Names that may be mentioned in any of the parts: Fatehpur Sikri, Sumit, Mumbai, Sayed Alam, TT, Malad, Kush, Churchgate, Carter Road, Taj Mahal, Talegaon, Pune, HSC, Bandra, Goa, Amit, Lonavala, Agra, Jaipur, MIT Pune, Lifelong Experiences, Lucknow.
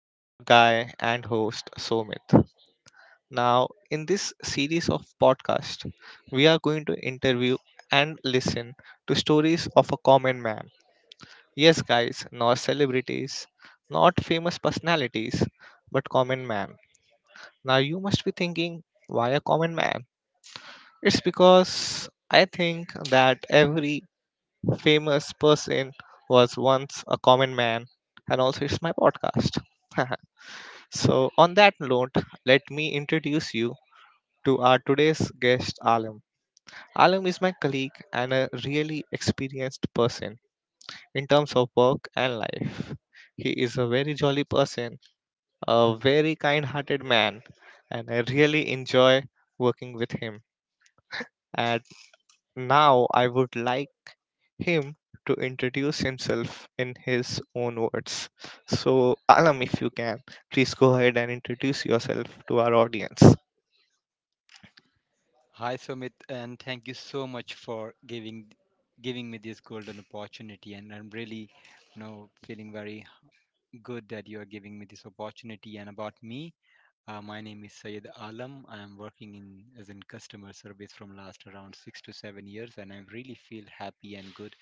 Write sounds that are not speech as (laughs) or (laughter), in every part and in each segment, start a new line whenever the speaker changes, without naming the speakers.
I'm your guy and host, Somit. Now, in this series of podcast, we are going to interview and listen to stories of a common man. Yes, guys, not celebrities, not famous personalities, but common man. Now, you must be thinking, why a common man? It's because I think that every famous person was once a common man, and also it's my podcast. (laughs) So, on that note, let me introduce you to our today's guest, Alam. Alam is my colleague and a really experienced person in terms of work and life. He is a very jolly person, a very kind hearted man, and I really enjoy working with him. And now I would like him to introduce himself in his own words. So, Alam, if you can, please go ahead and introduce yourself to our audience.
Hi Sumit, and thank you so much for giving me this golden opportunity. And I'm really, feeling very good that you are giving me this opportunity. And about me, my name is Sayed Alam. I am working in as in customer service from last around 6 to 7 years, and I really feel happy and good.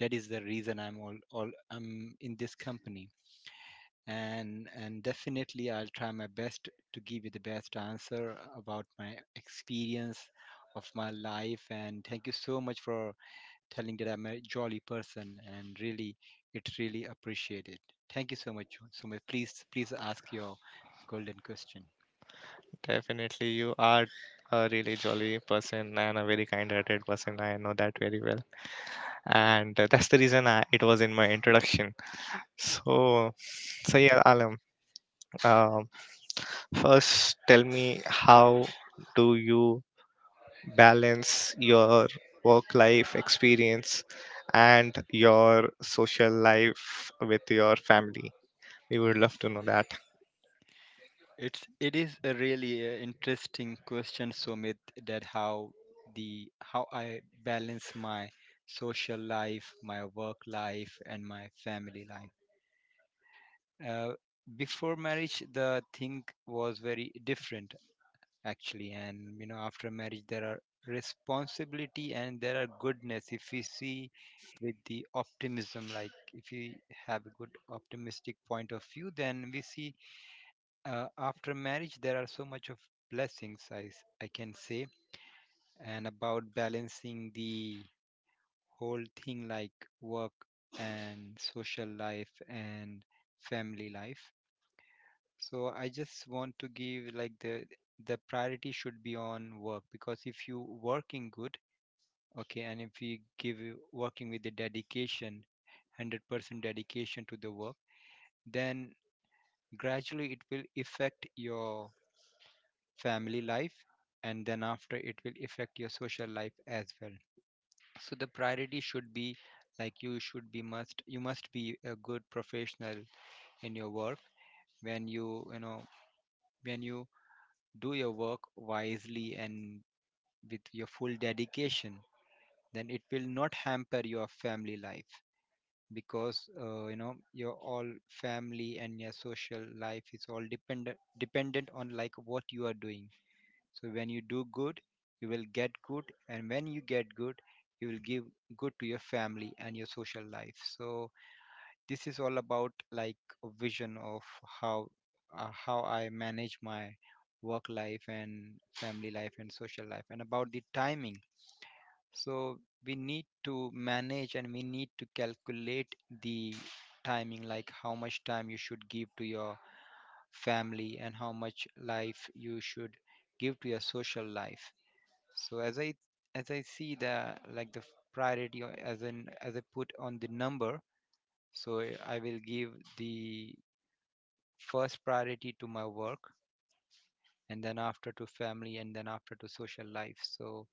That is the reason I'm all I'm in this company and definitely I'll try my best to give you the best answer about my experience of my life. And thank you so much for telling that I'm a jolly person, and really it's really appreciated. Thank you so much so much, please please ask your golden question.
Definitely, you are a really jolly person and a very kind hearted person. I know that very well. And that's the reason it was in my introduction. So, so, yeah, Alam, um, first tell me how do you balance your work life experience and your social life with your family. We would love to know that.
It is a really interesting question, Sumit, that how I balance my social life, my work life, and my family life. uh, Before marriage the thing was very different actually, and you know after marriage there are responsibility, and there are goodness. If we see with the optimism, like if we have a good optimistic point of view, then we see after marriage there are so much of blessings, I can say. And about balancing the whole thing, like work and social life and family life, so I just want to give like the priority should be on work, because if you working good, okay, and if you give working with the dedication, 100% dedication to the work, then gradually it will affect your family life, and then after it will affect your social life as well. So the priority should be like you should be must be a good professional in your work. When you do your work wisely and with your full dedication, then it will not hamper your family life, because you know your all family and your social life is all dependent on like what you are doing. So when you do good, you will get good, and when you get good, you will give good to your family and your social life. So this is all about like a vision of how how I manage my work life and family life and social life. And about the timing, so we need to manage and we need to calculate the timing, like how much time you should give to your family and how much life you should give to your social life. So as I see the priority, or as I put on the number, so I will give the first priority to my work, and then after to family, and then after to social life. So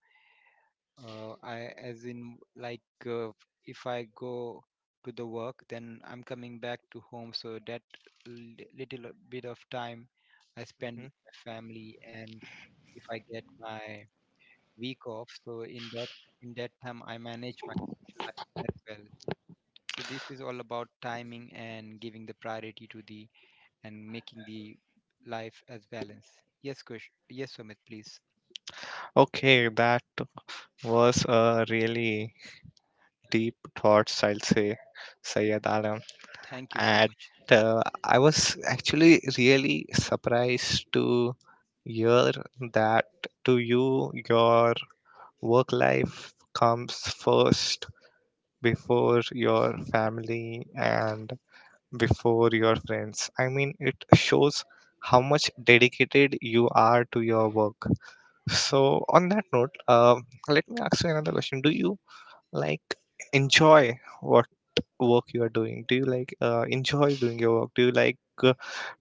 I as in like, if I go to the work, then I'm coming back to home, so that little bit of time I spend
hmm
with my family. And if I get my week off, so in that time I manage my social life as well. So this is all about timing and giving the priority to the, and making the life as balance. Yes, Kush. Yes, Sumit, please.
okay, that was a really deep thoughts, I'll say, Sayed Alam.
Thank you so
At
much.
I was actually really surprised to hear that to you your work life comes first before your family and before your friends. I mean, it shows how much dedicated you are to your work. So, on that note, let me ask you another question. Do you like enjoy what work you are doing? Do you like enjoy doing your work? Do you like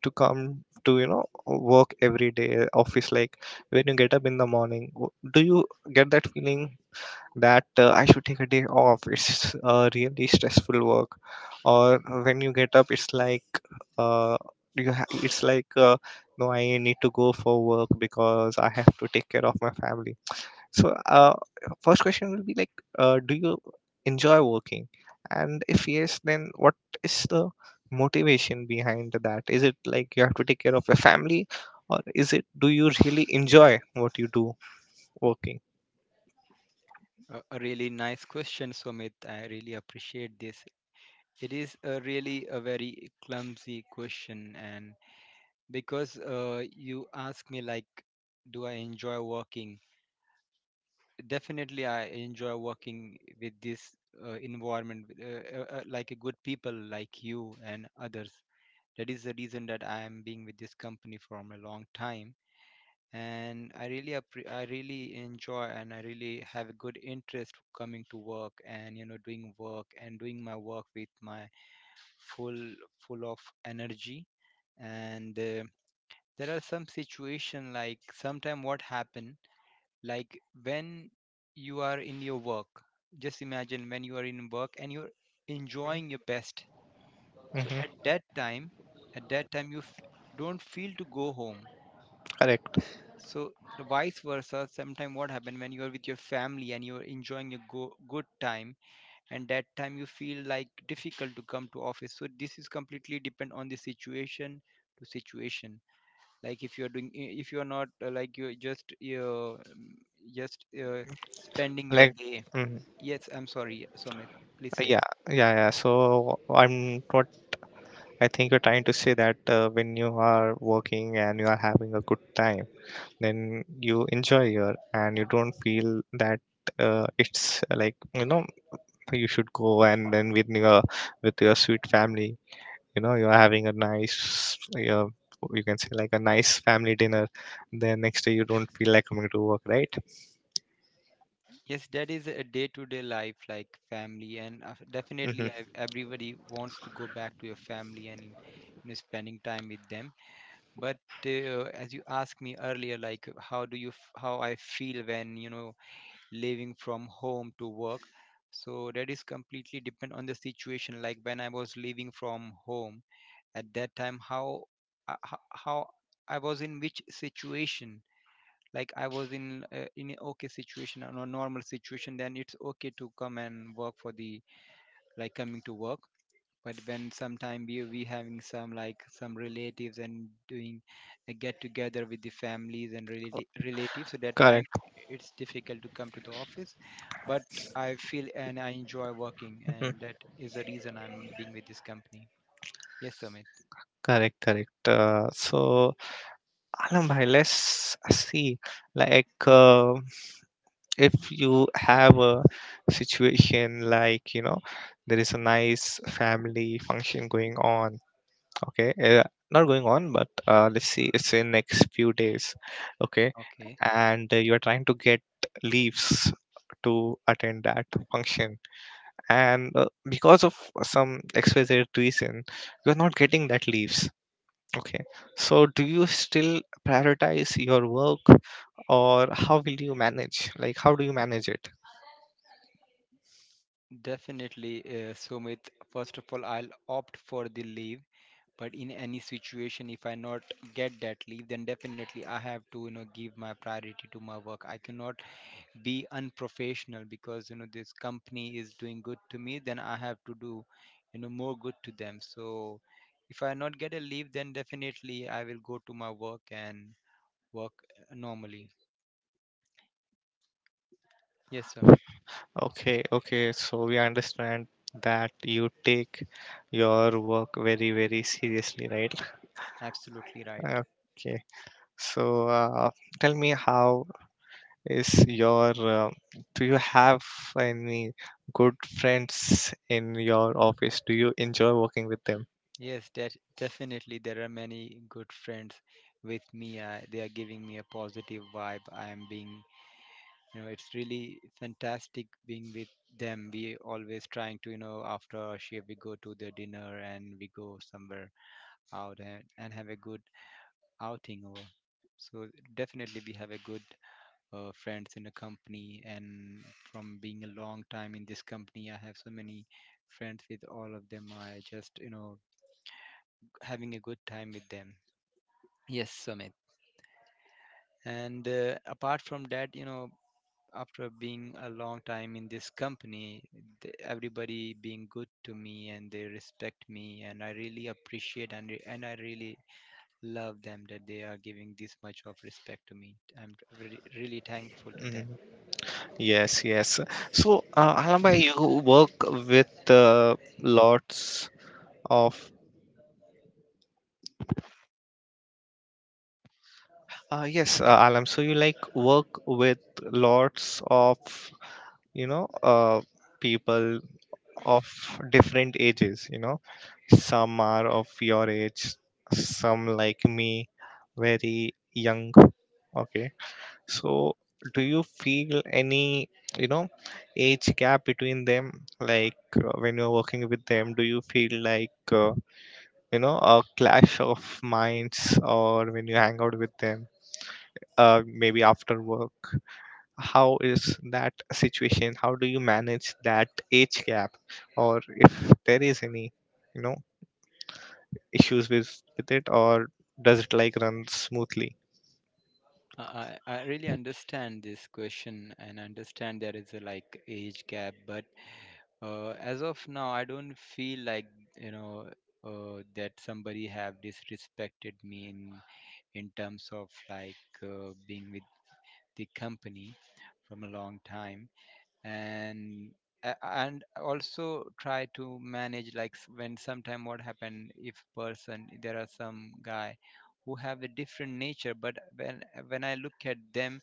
to come to work every day office, like when you get up in the morning, do you get that feeling that I should take a day off. (laughs) It's really stressful work. Or when you get up, it's like uh, you ha- it's like no, I need to go for work because I have to take care of my family. So, first question will be like, do you enjoy working? And if yes, then what is the motivation behind that? Is it like you have to take care of your family, or is it do you really enjoy what you do working?
A really nice question, Sumit. I really appreciate this. It is a really a very clumsy question. And because you ask me like, do I enjoy working? Definitely, I enjoy working with this environment, with, like a good people like you and others. That is the reason that I am being with this company from a long time, and I really I really enjoy, and I really have a good interest coming to work, and you know doing work and doing my work with my full full of energy. And there are some situation like sometime what happen, like when you are in your work, just imagine when you are in work and you're enjoying your best, so
Mm-hmm.
at that time you don't feel to go home.
Correct.
So the vice versa, sometimes what happen when you're with your family and you're enjoying a good time, and that time you feel like difficult to come to office. So this is completely depend on the situation. Like if you're doing, if you're not like you're just just uh, spending your
Like,
day.
mm,
Yes, I'm sorry, Sumit. Please say
yeah, yeah, yeah. So I'm what I think you're trying to say that when you are working and you are having a good time, then you enjoy your and you don't feel that it's like you should go and then with your sweet family, you're having a nice, you can say, like a nice family dinner, then next day you don't feel like coming to work, right?
yes. That is a day-to-day life, like family, and
Hmm.
definitely I, everybody wants to go back to your family and you know spending time with them. But as you asked me earlier, like how do you how I feel when you know leaving from home to work. So that is completely depend on the situation, like when I was leaving from home at that time, how how I was in which situation. Like I was in a okay situation, or a no, normal situation, then it's okay to come and work for the, like coming to work. But when sometime we having some like some relatives and doing a get together with the families and relatives, so that time
Correct.
it's difficult to come to the office. But I feel and I enjoy working, and
Hmm.
that is the reason I'm being with this company. Yes, Sumit.
Correct, correct. So, Alam bhai, let's see, like, if you have a situation like there is a nice family function going on. Okay, not going on, but let's see, it's in next few days. Okay.
Okay.
And you're trying to get leaves to attend that function, and because of some xyz reason, you're not getting that leaves. Okay. So do you still prioritize your work, or how will you manage, like, how do you manage it?
Definitely, Sumit. First of all, I'll opt for the leave. But in any situation, if I not get that leave, then definitely I have to, you know, give my priority to my work. I cannot be unprofessional, because you know this company is doing good to me, then I have to do you know more good to them. So if I not get a leave, then definitely I will go to my work and work normally. Yes, amit.
Okay, okay. So we understand that you take your work very, very seriously, right?
Absolutely right.
Okay. So, tell me, is your, uh, do you have any good friends in your office? Do you enjoy working with them?
Yes, that definitely there are many good friends with me. They are giving me a positive vibe, I am being you know it's really fantastic being with them. We always trying to you know after our shift we go to the dinner, and we go somewhere out, and have a good outing or so. Definitely we have a good friends in the company, and from being a long time in this company I have so many friends. With all of them I just you know having a good time with them. Yes, Sumit. And apart from that, you know, after being a long time in this company, everybody being good to me and they respect me, and I really appreciate, and I really love them, that they are giving this much of respect to me. I'm really, really thankful to them.
Mm, yes, yes. So, Alamba, you work with lots of. Yes, Alam. So you like work with lots of you know uh, people of different ages. You know, some are of your age, some like me, very young. Okay. So do you feel any you know age gap between them? Like, when you're working with them, do you feel like a clash of minds, or when you hang out with them? Maybe after work, how is that situation? How do you manage that age gap, or if there is any you know issues with it, or does it like run smoothly?
I really understand this question, and understand there is a like age gap. But as of now, I don't feel like you know that somebody have disrespected me, in terms of like being with the company from a long time. And and also try to manage like when sometime what happen, if person there are some guy who have a different nature, but when I look at them,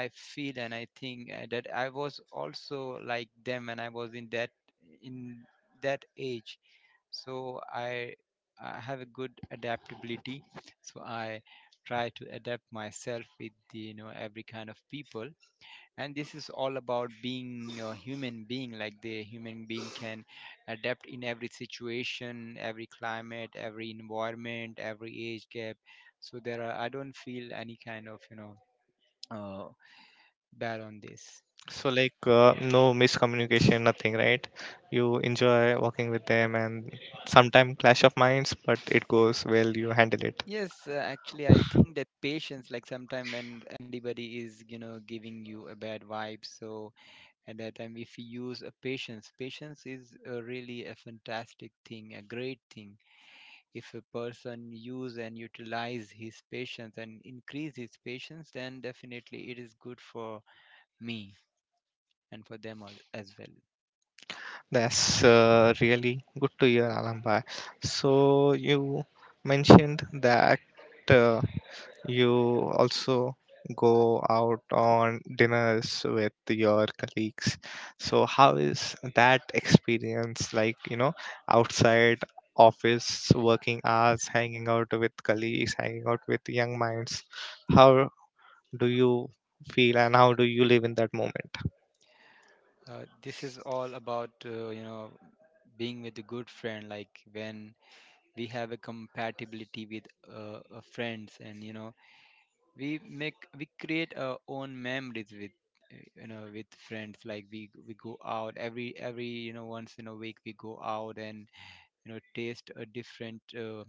I feel and I think that I was also like them, and I was in that age. So I have a good adaptability. So I try to adapt myself with the, you know, every kind of people. And this is all about being a human being, like the human being can adapt in every situation, every climate, every environment, every age gap. So there are I don't feel any kind of you know uh, bad on this.
So, like, no miscommunication, nothing, right? You enjoy working with them, and sometimes clash of minds, but it goes well. You handle it.
Yes, actually I think that patience, like sometime when anybody is you know giving you a bad vibe, so at that time if you use a patience, patience is a really a fantastic thing, a great thing. If a person use and utilize his patience and increase his patience, then definitely it is good for me, and for them as well.
That's really good to hear, Alamba. So you mentioned that. Uh, You also go out on dinners with your colleagues. So how is that experience like, outside office working hours, hanging out with colleagues, hanging out with young minds? How do you feel and how do you live in that moment?
This is all about you know being with a good friend, like when we have a compatibility with friends, and you know we create our own memories with you know with friends. Like we go out every you know once in a week we go out and you know taste a different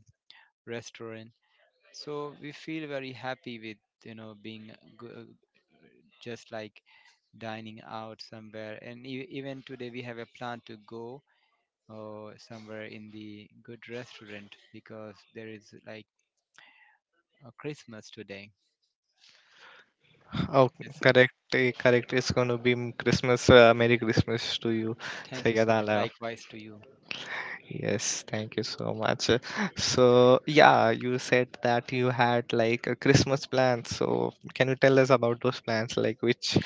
restaurant. So we feel very happy with you know being go, just like dining out somewhere. And even today we have a plan to go somewhere in the good restaurant, because there is like a Christmas today.
Oh,
Yes, amit.
correct, correct. It's going to be Christmas. Merry Christmas to you,
Thank you so much,
Sayadala.
likewise to you.
Yes, thank you so much. So, yeah, you said that you had like a Christmas plan. So, can you tell us about those plans? Like, which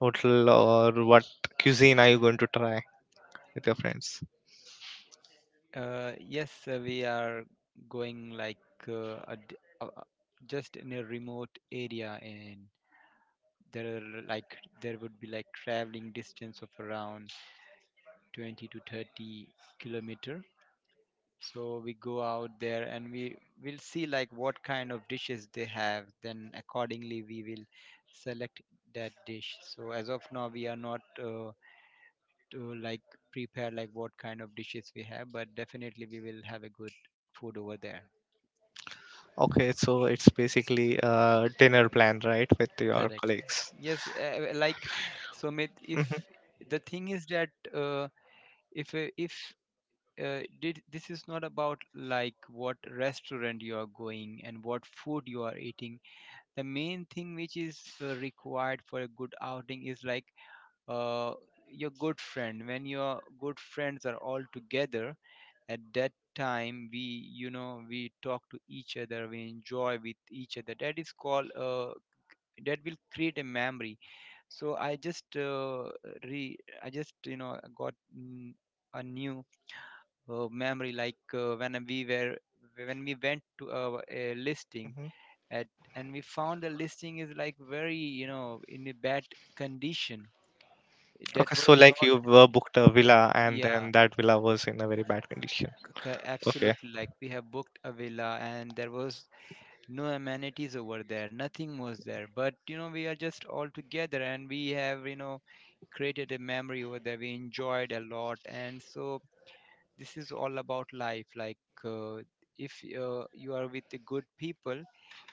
hotel or what cuisine are you going to try with your friends?
Yes, we are going like a d- a- just in a remote area. And there are like there would be like traveling distance of around 20 to 30 kilometer. So we go out there and we will see like what kind of dishes they have. Then accordingly we will select that dish. So as of now we are not to like prepare like what kind of dishes we have, but definitely we will have a good food over there.
Okay, so it's basically a dinner plan, right, with your
Correct.
colleagues.
Yes, like Sumit,
Hmm.
if the thing is that if did this is not about like what restaurant you are going and what food you are eating, the main thing which is required for a good outing is like uh, your good friend. When your good friends are all together, at that time we, you know, we talk to each other, we enjoy with each other, that is called that will create a memory. So I just re you know got a new memory like when we went to our a listing
Hmm.
at, and we found the listing is like very, you know, in a bad condition.
Okay,
That
so
was
like
not,
you were booked a villa and
yeah,
then that villa was in a very bad condition. Okay,
absolutely. Like we have booked a villa and there was no amenities over there. Nothing was there. But you know, we are just all together and we have, you know, created a memory over there. We enjoyed a lot. And so this is all about life, like uh, if you are with the good people,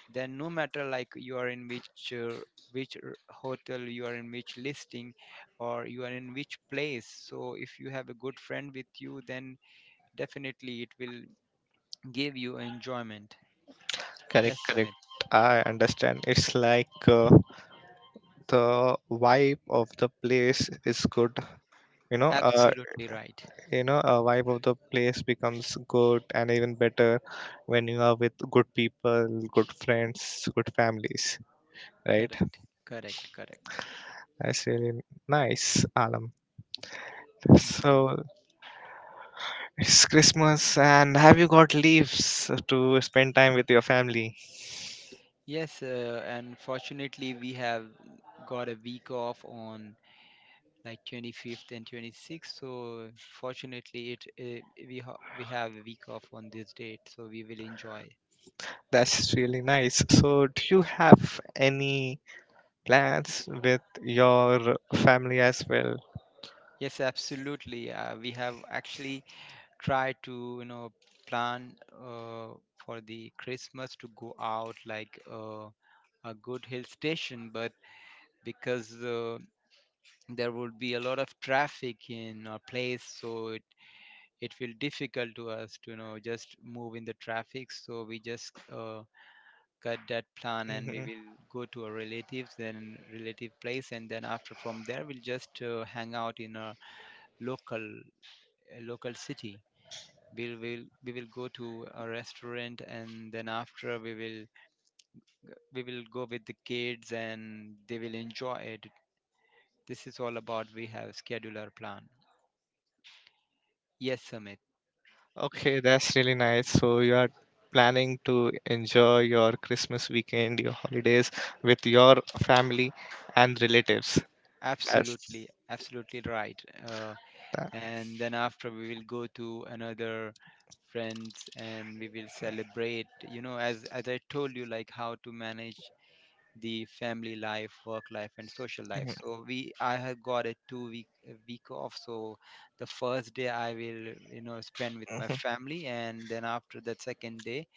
then no matter like you are in which which r- hotel you are, in which listing or you are in which place, so if you have a good friend with you, then definitely it will give you enjoyment.
correct,
Yes,
correct.
Sumit,
I understand. It's like the vibe of the place is good. You know, uh,
absolutely right.
a vibe of the place becomes good and even better when you are with good people, good friends, good families, right?
Correct, correct, correct.
That's really nice, Alam.
Thank you.
So it's Christmas, and have you got leaves to spend time with your family?
Yes, and fortunately we have got a week off on like 25th and 26th. So fortunately, we have a week off on this date, so we will enjoy.
That's really nice. So, do you have any plans with your family as well?
Yes, absolutely. We have actually tried to, you know, plan for the Christmas to go out like a good hill station, but because there would be a lot of traffic in our place, so it will difficult to us to, you know, just move in the traffic, so we just got that plan and we
Mhm.
will go to our relatives, then relative place, and then after from there we'll just hang out in local a local city. We will go to a restaurant and then after we will go with the kids and they will enjoy it. This is all about we have schedule our plan. Yes, Amit.
Okay, that's really nice. So you are planning to enjoy your Christmas weekend, your holidays with your family and relatives. That's
Absolutely. Absolutely right.
that.
And then after we will go to another friends and we will celebrate, you know, as I told you, like how to manage the family life, work life and social life.
Mhm,
So we I have got a two week a week off. So the first day I will, you know, spend with my
mhm,
family, and then after that second day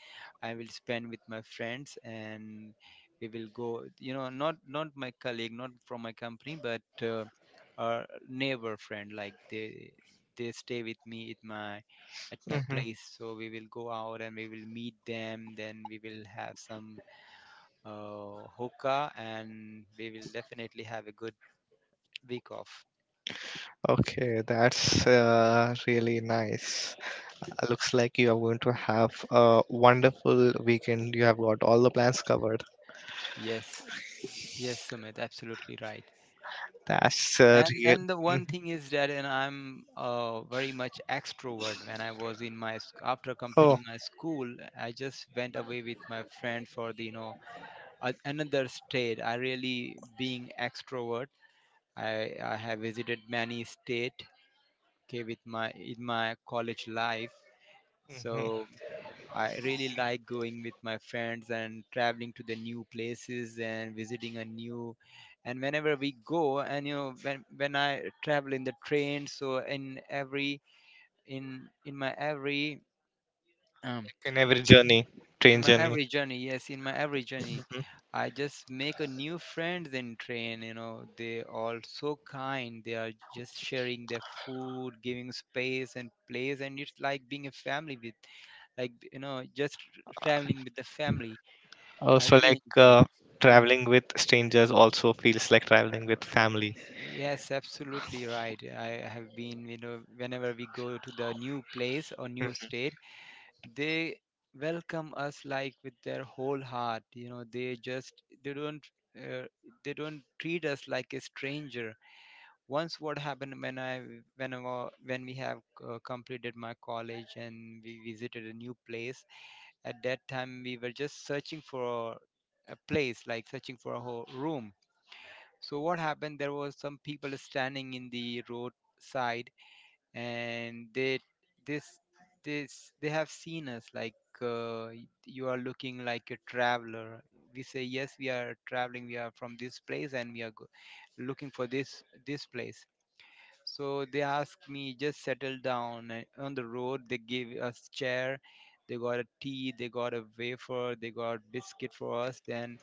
I will spend with my friends, and we will go, you know, not my colleague, not from my company, but our neighbor friend. Like they stay with me at my
mhm.
place, so we will go out and we will meet them. Then we will have some hookah and we will definitely have a good week off.
Okay, that's really nice. Looks like you are going to have a wonderful weekend. You have got all the plans covered.
Yes, yes, Sumit, absolutely right.
That's
and
real.
and the
Mhm.
one thing is that, and I'm very much extrovert. When I was in my after
Oh,
completing my school, I just went away with my friend for the, you know, a, another state. I really being extrovert, I have visited many state, okay, with my in my college life.
mhm.
So I really like going with my friends and traveling to the new places and visiting a new. And whenever we go, and you know, when I travel in the train, so in every in in my every um
In every journey,
in
train
my
journey.
every journey, yes, in my every journey
Mm-hmm.
I just make a new friends in train. You know, they all so kind, they are just sharing their food, giving space and place, and it's like being a family with, like, you know, just traveling with the family. I
Also, like,
really enjoyed. Hmm.
traveling with strangers also feels like traveling with family.
Yes, absolutely right. I have been, you know, whenever we go to the new place or new
Mm.
state, they welcome us like with their whole heart. You know, they just they don't uh, they don't treat us like a stranger. Once what happened when when we have completed my college and we visited a new place. At that time, we were just searching for a place, like searching for a whole room. So what happened? There was some people standing in the roadside, and they this this they have seen us like you are looking like a traveler. We say yes, we are traveling. We are from this place, and we are looking for this place. So they asked me just settle down and on the road. They gave us chair. They got a tea. They got a wafer. They got biscuit for us. Then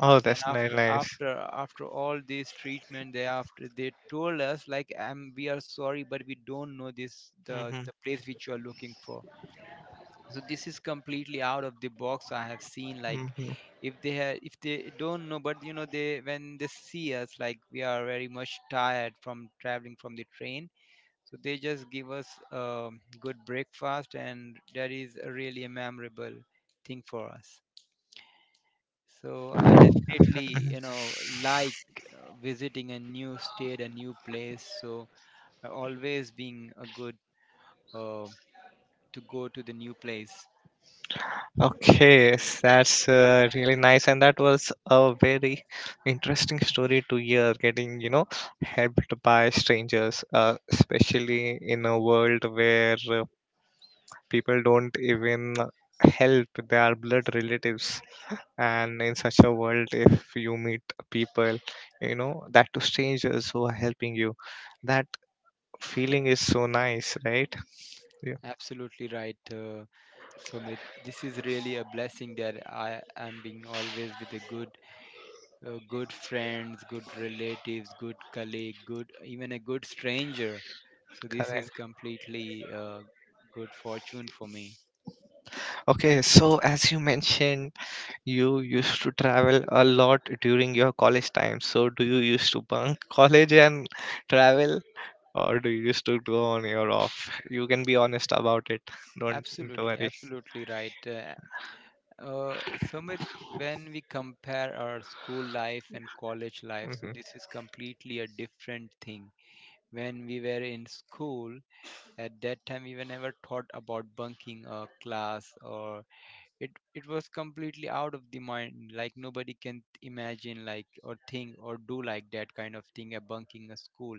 Oh,
and
that's nice.
after
Nice.
after after all this treatment they after they told us like, we are sorry but we don't know this
Mm-hmm.
the place which you are looking for. So this is completely out of the box. I have seen like,
Mm-hmm.
if they have, if they don't know, but you know, they when they see us like we are very much tired from traveling from the train, so they just give us a good breakfast, and that is a really a memorable thing for us. So I definitely, you know, like visiting a new state, a new place. So always being a good uh, to go to the new place.
Okay, yes, that's really nice, and that was a very interesting story to hear. Getting, helped by strangers, especially in a world where people don't even help their blood relatives. And in such a world, if you meet people, that to strangers who are helping you, that feeling is so nice, right? Yeah.
Absolutely right, Sumit. This is really a blessing that I am being always with a good, good friends, good relatives, good colleague, good, even a good stranger. So this is
Correct.
completely good fortune for me.
Okay, so as you mentioned, you used to travel a lot during your college time, so do you used to bunk (laughs) college and travel, or do you used to go on your off? You can be honest about it. Don't, don't
Absolutely,
worry.
absolutely right. Sumit, when we compare our school life and college life, so
Hmm.
this is completely a different thing. When we were in school, at that time we were never thought about bunking a class, or it was completely out of the mind. Like nobody can imagine like or think or do like that kind of thing, a bunking a school.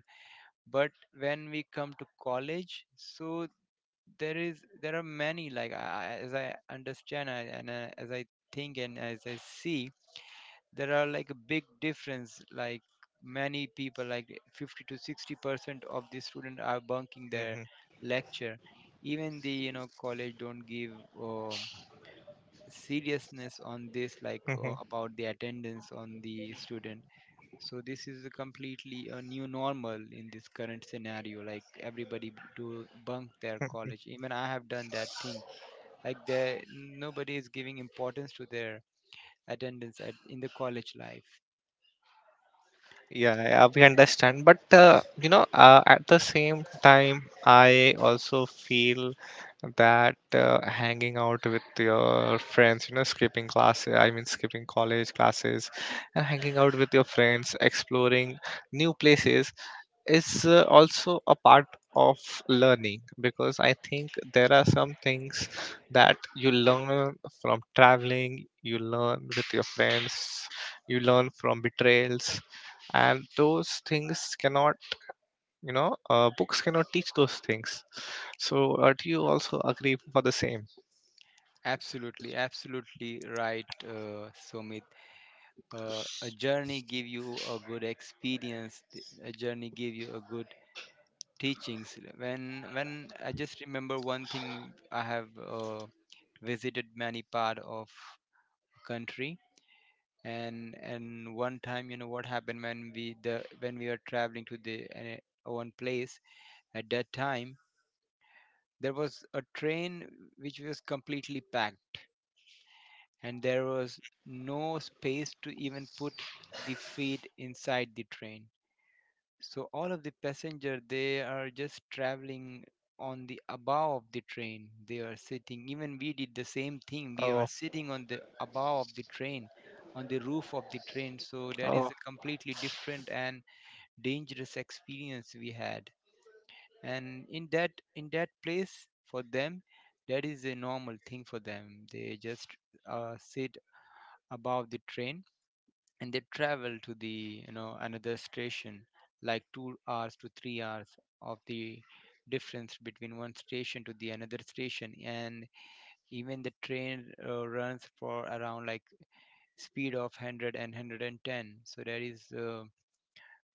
But when we come to college, so there are many, like as I understand, and as I think and as I see, there are like a big difference, like many people like 50 to 60% of the student are bunking their lecture. Even the, you know, college don't give uh, seriousness on this, like
Hmm.
about the attendance on the student. So this is a completely a new normal in this current scenario. Like everybody do bunk their college, even I have done that thing. Like there, nobody is giving importance to their attendance at, in the college life.
Yeah, yeah, we understand. But at the same time, I also feel that hanging out with your friends, skipping class, I mean, skipping college classes, and hanging out with your friends, exploring new places, is also a part of learning, because I think there are some things that you learn from traveling, you learn with your friends, you learn from betrayals, and those things cannot, books cannot teach those things. So, do you also agree for the same?
Absolutely, absolutely right, Sumit. A journey give you a good experience. A journey give you a good teachings. When I just remember one thing, I have visited many part of country. And one time, you know what happened, when we the when we were traveling to the one place, at that time there was a train which was completely packed, and there was no space to even put the feet inside the train. So all of the passenger they are just traveling on the above of the train. They are sitting. Even we did the same thing. We were
Oh,
sitting on the above of the train, on the roof of the train. So that is
oh,
a completely different and dangerous experience we had. And in that place for them, that is a normal thing for them. They just sit above the train and they travel to the, you know, another station, like 2 hours to 3 hours of the difference between one station to the another station. And even the train runs for around like speed of 100. So that is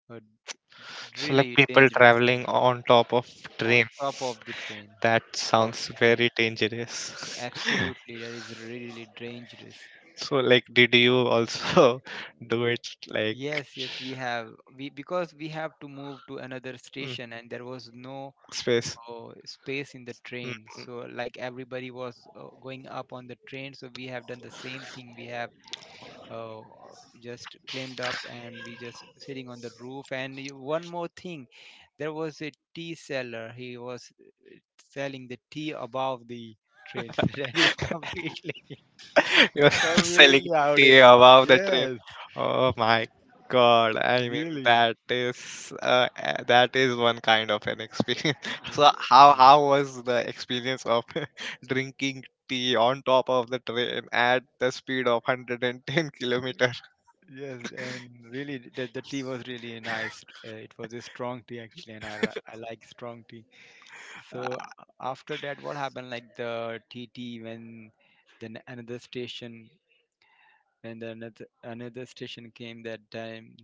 a d-
so like
really
people
dangerous thing.
traveling on top of
On
train.
top of the train,
That
above
sounds
the train.
very dangerous. (laughs)
Absolutely, that is really really dangerous.
So, like, did you also (laughs) do it like,
Yes, yes, we have. We because we have to move to another
mm,
station, and there was no
space?
space in the train.
Mm.
So like everybody was going up on the train, so we have done the same thing. We have uh, just climbed up, and we just sitting on the roof. And you- one more thing, there was a tea seller. He was selling the tea above the train. (laughs) That is completely,
(laughs) You're (laughs) selling
completely out
tea
of the
above the train.
yes.
Oh my God! I mean,
Really,
that is one kind of an experience. (laughs) So, how
I
how was the experience of (laughs) drinking tea on top of the train at the speed of 110 kilometer? (laughs)
yes, and really, the tea was really nice. It was a strong tea actually, and I like strong tea.
Uh,
So a- After that, what happened? Like the TT when then another station. And another station came that time.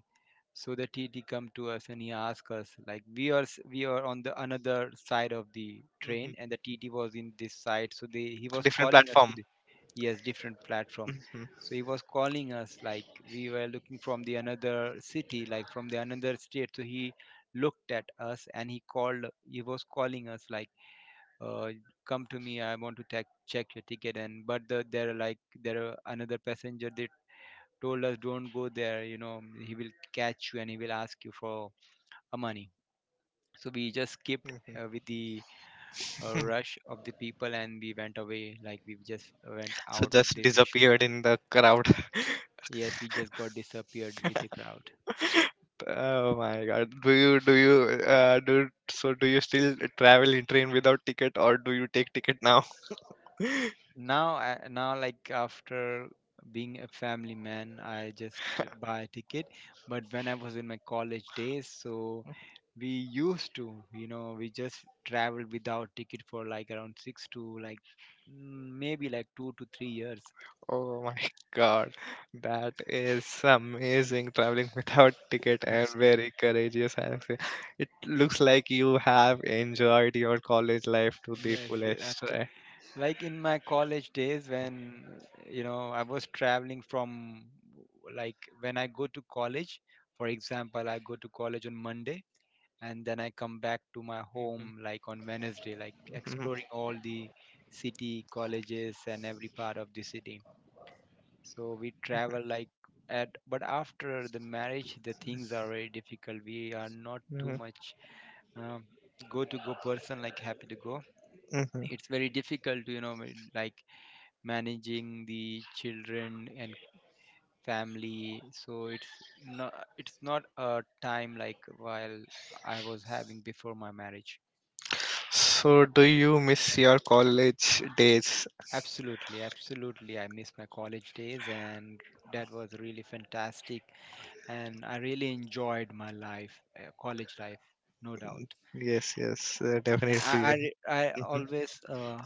So the TT come to us and he asked us like we are on the another side of the train
mhm.
and the TT was in this side, so they he was
Different
calling us to
platform.
the, yes, different platform.
Mhm.
So he was calling us like we were looking from the another city, like from the another state, so he looked at us and he was calling us like uh, come to me, I want to check your ticket. And but there are like there are another passenger, they told us, "Don't go there, he will catch you and he will ask you for money." So we just skipped
Mhm.
with the rush of the people, and we went away, like we just went
So
out of
just
the station.
disappeared in the crowd. (laughs)
Yes, we just got disappeared with the crowd.
Oh my God. Do you do you do so do you still travel in train without ticket or do you take ticket now? (laughs)
Now now like after being a family man, I just buy a ticket. But when I was in my college days, so we used to, we just traveled without ticket for like around 6 to like maybe like 2 to 3 years.
Oh my God. That is amazing traveling (laughs) without ticket and
Absolutely.
very courageous, I would say. It looks like you have enjoyed your college life to the
Yes, yes,
fullest,
after
right?
like in my college days, when I was traveling from, like when I go to college, for example, I go to college on Monday and then I come back to my
Mhm.
home like on Wednesday, like exploring all the city, colleges, and every part of the city. So we travel like at, but after the marriage, the things are very difficult. We are not too
Mhm.
much um, go to go person, like happy to go.
Mhm.
It's very difficult to, like managing the children and family. So it's not a time like while I was having before my marriage.
So, do you miss your college days?
Absolutely, absolutely. I miss my college days, and that was really fantastic. And I really enjoyed my life, college life, no doubt.
Yes, yes,
And I,
definitely.
I, re- I
(laughs)
always uh,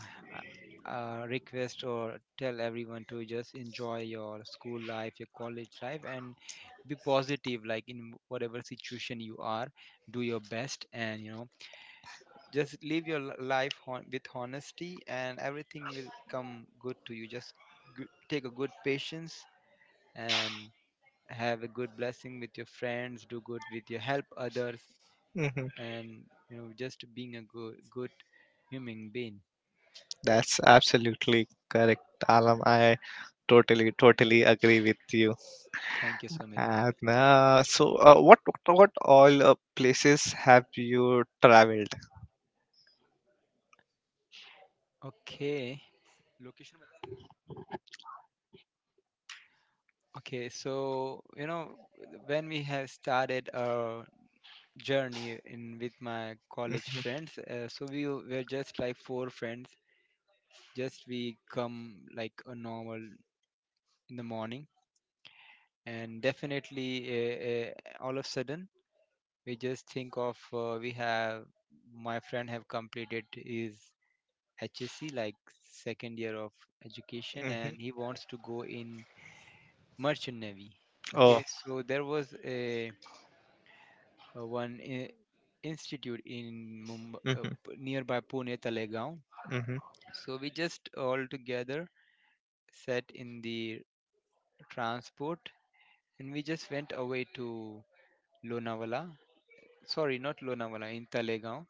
uh, uh, request or tell everyone to just enjoy your school life, your college life, and be positive. Like in whatever situation you are, do your best, and you know, just live your life with honesty, and everything will come good to you. Just take a good patience and have a good blessing with your friends, do good with your, help others,
hmm
and you know, just being a good human being.
That's absolutely correct, Alam. I totally, totally agree with you.
Thank you so.
And so, what all places have you traveled?
Okay. Location. Okay, so you know, when we have started our journey in with my college
Hmm.
friends, so we were just like four friends. Just we come like a normal in the morning, and definitely all of a sudden, we just think of we have, my friend have completed his HSC, like second year of education, and
Hmm.
he wants to go in merchant navy.
Oh.
Okay, so there was a one institute in Mumbai,
Hmm.
nearby Pune Talegaon.
Hmm. Hmm.
So we just all together sat in the transport, and we just went away to Lonavala. Sorry, not Lonavala, in Talegaon.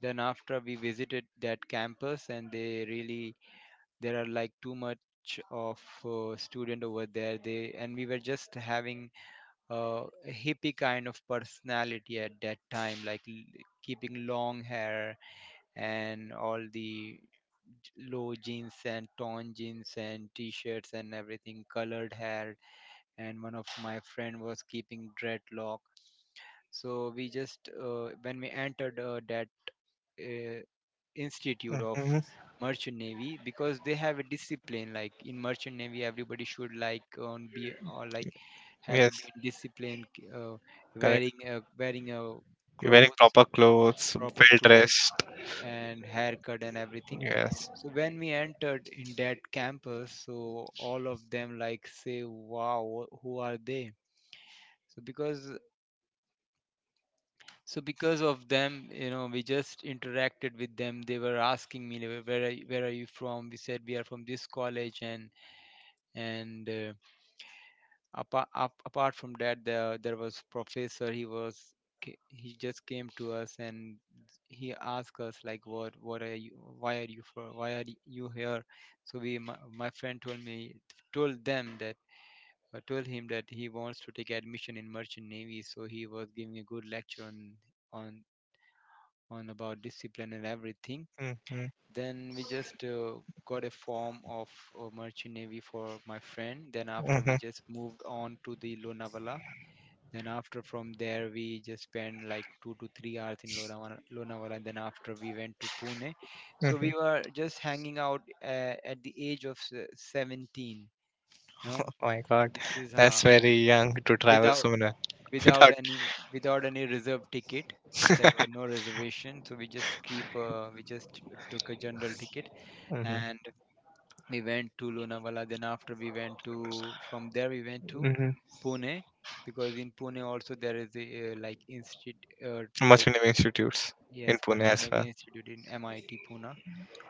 Then after we visited that campus, and they really, there are like too much of student over there. They, and we were just having a hippie kind of personality at that time, like keeping long hair, and all the low jeans and torn jeans and t-shirts and everything, colored hair, and one of my friend was keeping dreadlock. So we just when we entered that uh, institute of merchant navy, because they have a discipline, like in merchant navy everybody should like on be or like have to be
Yes,
in discipline,
correct.
wearing a wearing a
You're wearing
clothes,
proper clothes,
proper
well
clothes
dressed.
and haircut and everything.
Yes.
So when we entered in that campus, so all of them like say, "Wow, who are they?" So because because of them, you know, we just interacted with them. They were asking me, they were, "Where are you, where are you from?" We said we are from this college. And and uh, apart, apart from that, there was professor. He was he just came to us, and he asked us like, What are you, why are you here?" So we, my friend told me, told them that, I told him that he wants to take admission in merchant navy. So he was giving a good lecture on on about discipline and everything.
Hmm.
Then we just got a form of merchant navy for my friend. Then after we
Hmm.
just moved on to the Lonavala. Then after from there, we just spent like two to three hours in Lonavala. Lonavala. And then after we went to Pune. So we
Hmm.
were just hanging out at the age of 17. You know,
Oh my God,
this is
that's very young to travel
without
so many (laughs)
without
without.
any without any reserve ticket. There were no reservations, so we just took a general ticket,
Hmm.
and we went to Lonavala. Then after we went to, from there we went to
Hmm.
Pune, because in Pune also there is a like institute,
Much
like
many institutes in
yes,
Pune
merchant
as
navy
well.
institute in MIT Pune.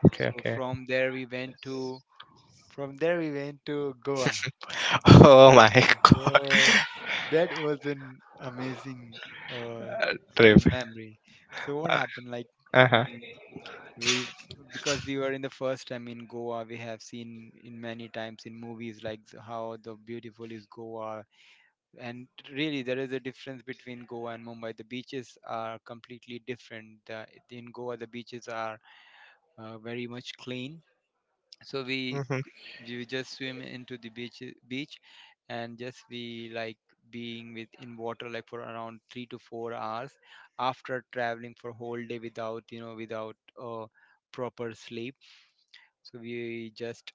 Okay,
So
okay.
from there we went to, from there we went to Goa.
Oh my (laughs) God,
So that was an amazing uh,
trip.
memory. So what happened? Like
Uh huh.
mm, we, because we were in the first time in Goa. We have seen in many times in movies, like how the beautiful is Goa. And really, there is a difference between Goa and Mumbai. The beaches are completely different. In Goa, the beaches are very much clean. So we,
Mm-hmm.
you just swim into the beach and just be like being with in water like for around 3 to 4 hours, after traveling for whole day without, you know, without uh, proper sleep. So we just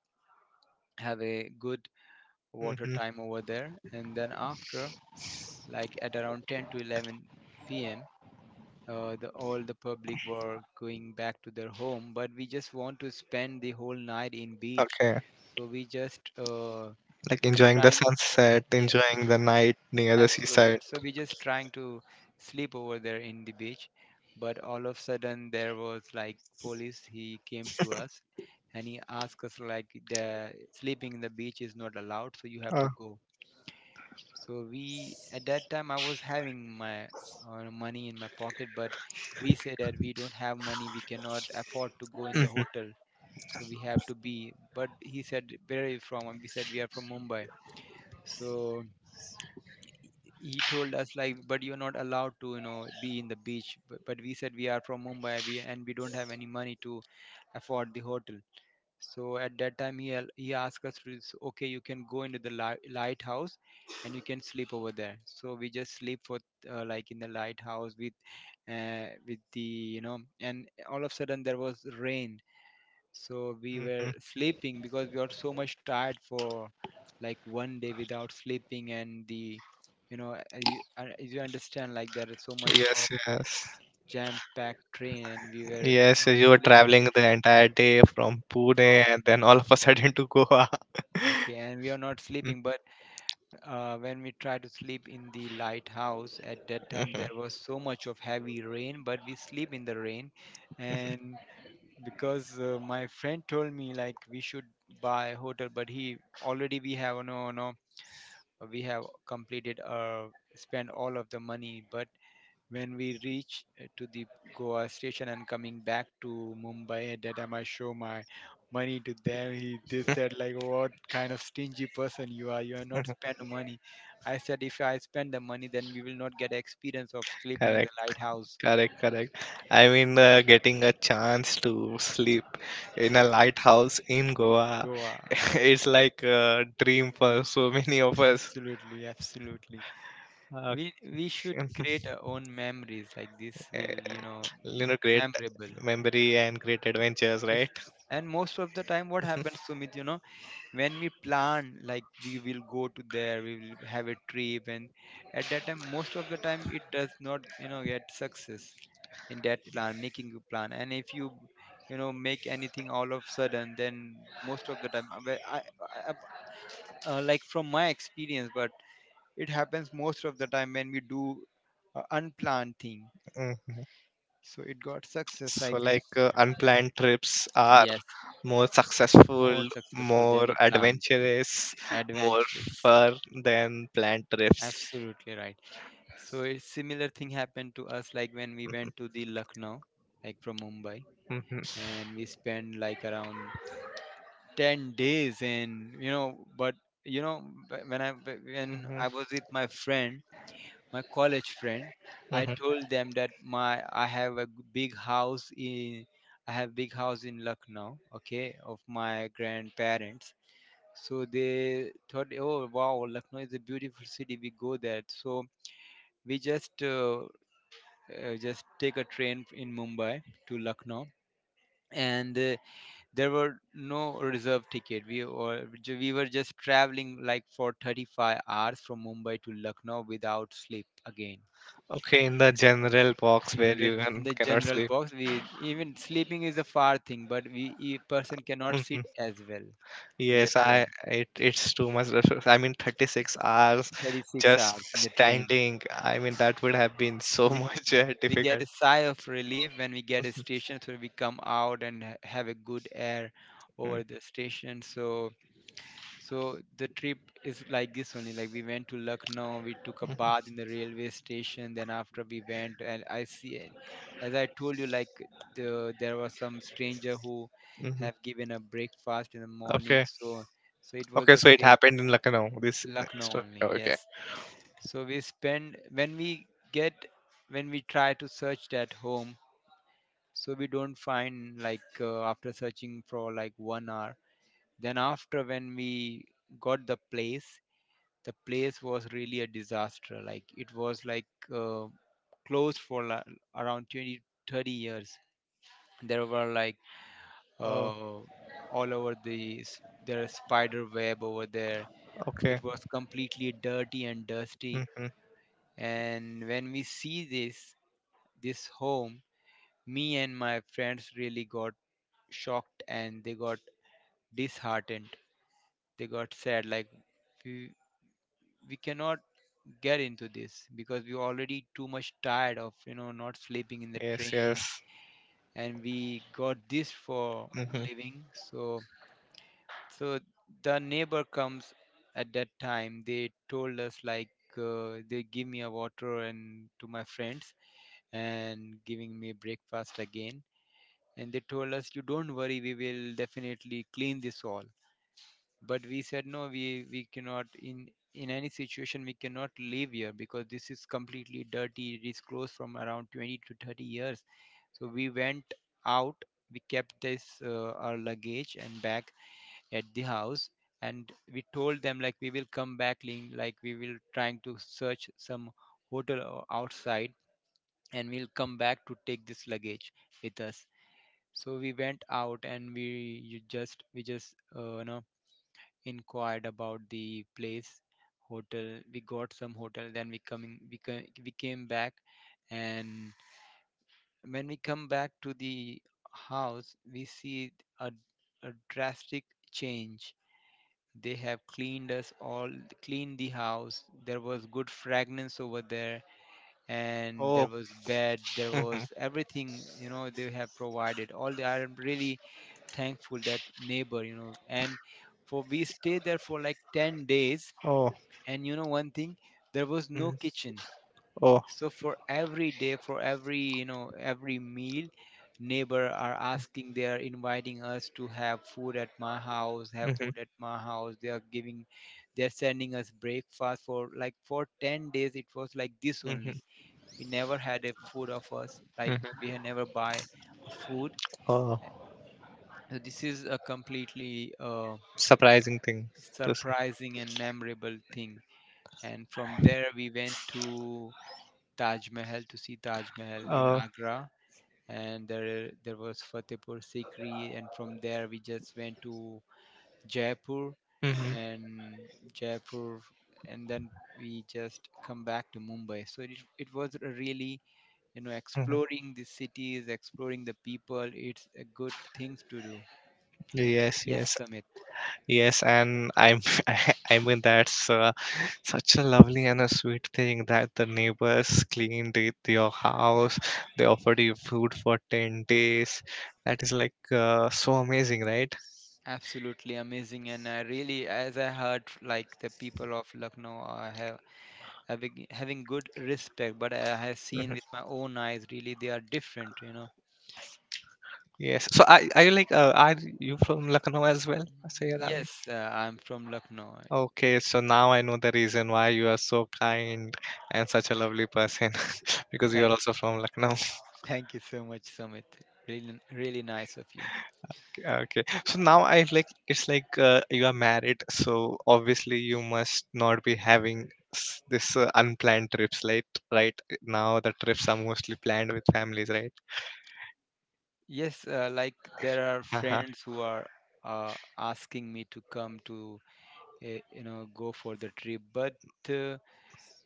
have a good water
Mm-hmm.
time over there, and then after, like at around 10 to 11 p.m., the all the public were going back to their home, but we just want to spend the whole night in beach.
Okay,
So we just
like enjoying the
trying
sunset,
yes,
enjoying the
y-
night near the
absolutely.
seaside.
So we just trying to sleep over there in the beach, but all of sudden, there was like police. He came to us, and he asked us like the sleeping in the beach is not allowed, so you have
Oh.
to go. So we, at that time, I was having my money in my pocket, but we said that we don't have money, we cannot afford to go in the
Mm-hmm.
hotel. So we have to be. But he said, "Where are you from?" And we said we are from Mumbai. So he told us like, "But you're not allowed to, you know, be in the beach." But we said, "We are from Mumbai, and we don't have any money to afford the hotel." So at that time, he he asked us to "Okay, you can go into the lighthouse, and you can sleep over there." So we just sleep for like in the lighthouse with the, you know. And all of a sudden there was rain. So we were
Mm-hmm.
sleeping, because we got so much tired for like one day without sleeping. And the, you know, as as you understand, like there is so much
Yes,
of
yes,
jam-packed train, and we were
yes.
not
You were
sleeping in the
traveling the
train
entire day from Pune
from,
and then all of a sudden to Goa.
okay, and we are not sleeping. But
(laughs)
when we tried to sleep in the lighthouse, at that time there
Mm-hmm.
was so much of heavy rain, but we sleep in the rain. And because my friend told me like we should buy a hotel, but he, already we have no, we have completed uh, spent all of the money. But when we reach to the Goa station and coming back to Mumbai, at that time I show my money to them. He, they said like, "What kind of stingy person you are, you are not spend money?" I said, "If I spend the money, then we will not get experience of sleeping in the
Correct.
lighthouse,
Correct, correct. Getting a chance to sleep in a lighthouse in Goa,
Goa."
(laughs) it's like a dream for so many of us.
Absolutely, absolutely,
Uh,
we should
(laughs)
create our own memories. Like this will, you know,
Great
memorable
memory and great adventures,
if,
right?
and most of the time what happens to me, you know, when we plan like we will go to there, we will have a trip, and at that time most of the time it does not, you know, get success in that plan, making a plan. And if you, you know, make anything all of sudden, then most of the time where I, I- like from my experience. But it happens most of the time when we do unplanned thing.
hmm
So it got success
So,
like,
unplanned trips are
yes,
more
more
successful,
successful than
more
the planned trip.
adventurous, more
Adventurous.
fun than planned trips.
Absolutely right. So a similar thing happened to us, like when we went to the Lucknow, like from Mumbai,
Hmm
and we spent like around 10 days in. When
hmm
I was with my friend, my college friend, I
hmm
told them that my I have a big house in I have big house in Lucknow, okay, of my grandparents. So they thought, oh wow, Lucknow is a beautiful city, we go there. So we just take a train in Mumbai to Lucknow. And there were no reserve ticket. We were just traveling like for 35 hours from Mumbai to Lucknow without sleep again.
Okay, in the general box
In
where
the,
you
in the
cannot
general
sleep.
box, we, even sleeping is a far thing, but we, a person cannot sit
Mhm.
as well in the
Yes,
train.
I it's too much. I mean, 36 hours
36
just
hours in the train.
standing. I mean, that would have been so (laughs)
we,
much
we get
difficult.
a sigh of relief when we get a station, so we come out and have a good air
Mm.
over the station. So so the trip is like this only. Like we went to Lucknow, we took a bath in the railway station. Then after we went, and I see, as I told you, like the, there was some stranger who
Mm-hmm.
have given a breakfast in the morning.
Okay.
So so it was
Okay,
the
so it
same.
happened in Lucknow, this
Lucknow
story.
only.
Okay.
Yes. So we spend when we get, when we try to search that home. So we don't find, like, after searching for like 1 hour. Then after when we got the place, the place was really a disaster. Like it was like uh, closed for around 20, 30 years. There were like
Oh,
uh, all over the there are spider web over there.
okay.
It was completely dirty and dusty.
Mm-hmm.
And when we see this, this home, me and my friends really got shocked, and they got disheartened, they got sad. Like we we cannot get into this because we were already too much tired of, you know, not sleeping in the
Yes,
train,
yes.
and we got this for
Mm-hmm.
living. So so the neighbor comes at that time. They told us like, they give me a water and to my friends, and giving me breakfast again. And they told us, you don't worry, we will definitely clean this all. But we said no, we cannot in, in any situation we cannot live here, because this is completely dirty, it is closed from around 20 to 30 years. So we went out. We kept this our luggage and bag at the house. And we told them like, we will come back, like we will trying to search some hotel outside, and we'll come back to take this luggage with us. So we went out and we, you just we just you know inquired about the place, hotel. We got some hotel. Then we coming, we came back. And when we come back to the house, we see a, a drastic change. They have cleaned us all, cleaned the house. There was good fragrance over there, and there
Oh,
was bed, there
mm-hmm.
was everything. You know, they have provided all. The, I am really thankful that neighbor. You know, and for we stayed there for like 10 days.
Oh,
And you know one thing, there was no
mm.
kitchen.
Oh,
So for every day, for every, you know, every meal, neighbor are asking, they are inviting us to have food at my house, have
mm-hmm.
food at my house. They are giving, they are sending us breakfast for like for 10 days. It was like this
Mm-hmm.
only. We never had a food of us, like we
Mm-hmm.
had never buy a food.
Oh,
So this is a completely
surprising thing to see.
surprising and memorable thing. And from there we went to Taj Mahal, to see Taj Mahal in
Oh,
Agra, and there was Fatehpur Sikri, and from there we just went to Jaipur
mm-hmm.
and Jaipur, and then we just come back to Mumbai. So it was a really, you know,
Mm-hmm.
exploring the cities, exploring the people. It's a good things to do.
Yes,
Yes,
yes.
Samit.
Yes, and I'm (laughs) I mean that's such a lovely and a sweet thing that the neighbors cleaned it, your house. They offered you food for 10 days. That is like so amazing, right?
Absolutely amazing. And I really, as I heard, like the people of Lucknow have having good respect, but I have seen
Mhm.
with my own eyes, really they are different, you know.
Yes. So are you like are you from Lucknow as well, Sayed Alam?
Yes, I'm from Lucknow.
Okay, so now I know the reason why you are so kind and such a lovely person (laughs) because you are
Thank,
also from Lucknow.
(laughs) thank you so much, Sumit. Really really nice of you.
Okay. So now I like it's like you are married, so obviously you must not be having this unplanned trips, right? Right now the trips are mostly planned with families, right?
Yes, like there are
Uh-huh.
friends who are asking me to come to, you know, go for the trip, but uh,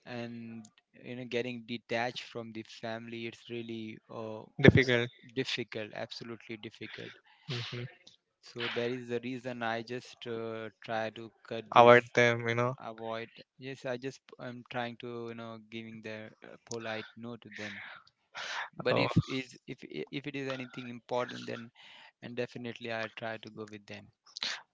and you know, getting detached from the family, it's really s-
Difficult.
difficult, absolutely difficult.
Hmm
So that is the reason I just try to cut this,
Avoid them, you know.
avoid. Yes, I just, I'm trying to, you know, giving the polite no to them. But
Oh,
if is if it is anything important, then and definitely I try to go with them.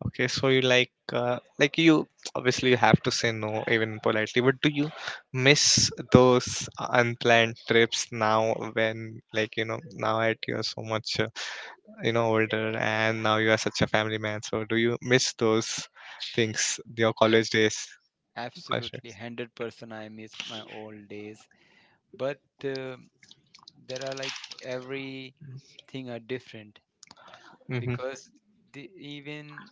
okay. So you like you obviously you have to say no even politely, but do you miss those unplanned trips now when, like, you know, now at you're so much, you know, older, and now you are such a family man, so do you miss those things, your
Ab-
college days? College.
Absolutely, 100%. I miss my old days, but uh, there are like everything are different,
Hmm
because the, even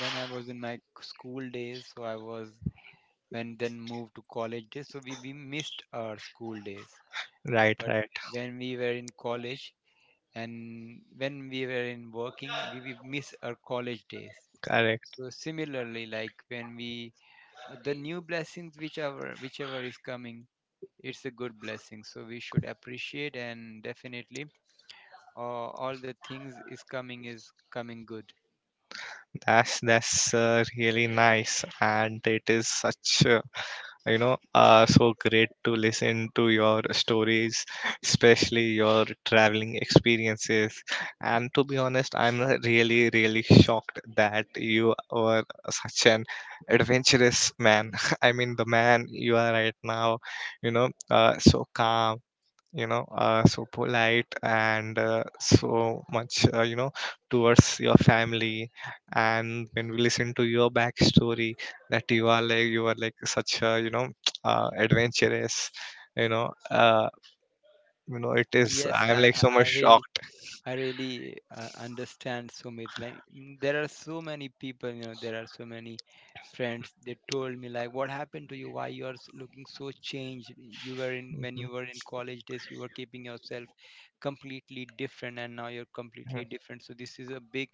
when I was in my school days, so I was when then moved to college days, so we missed our school days.
Right,
But
right.
when we were in college, and when we were in working, we miss our college days.
Correct.
So similarly, like when we, the new blessings, whichever is coming, it's a good blessing, so we should appreciate. And definitely all the things is coming good.
That's really nice, and it is such a, you know, so great to listen to your stories, especially your traveling experiences. And to be honest, I'm really really shocked that you are such an adventurous man (laughs) I mean, the man you are right now, you know, so calm, you know, so polite, and so much, you know, towards your family. And when we listen to your backstory, that you are like, you are like such a, you know, (tsk) adventurous, you know, you know, it is,
yes
I'm
i
like
i
so
I
much
really,
shocked.
I really understand so much. Like mm, there are so many people, you know, there are so many friends. They told me like, what happened to you? Why you are looking so changed? You were in, when
Mhm.
you were in college days, you were keeping yourself completely different, and now you're completely different. So this is a big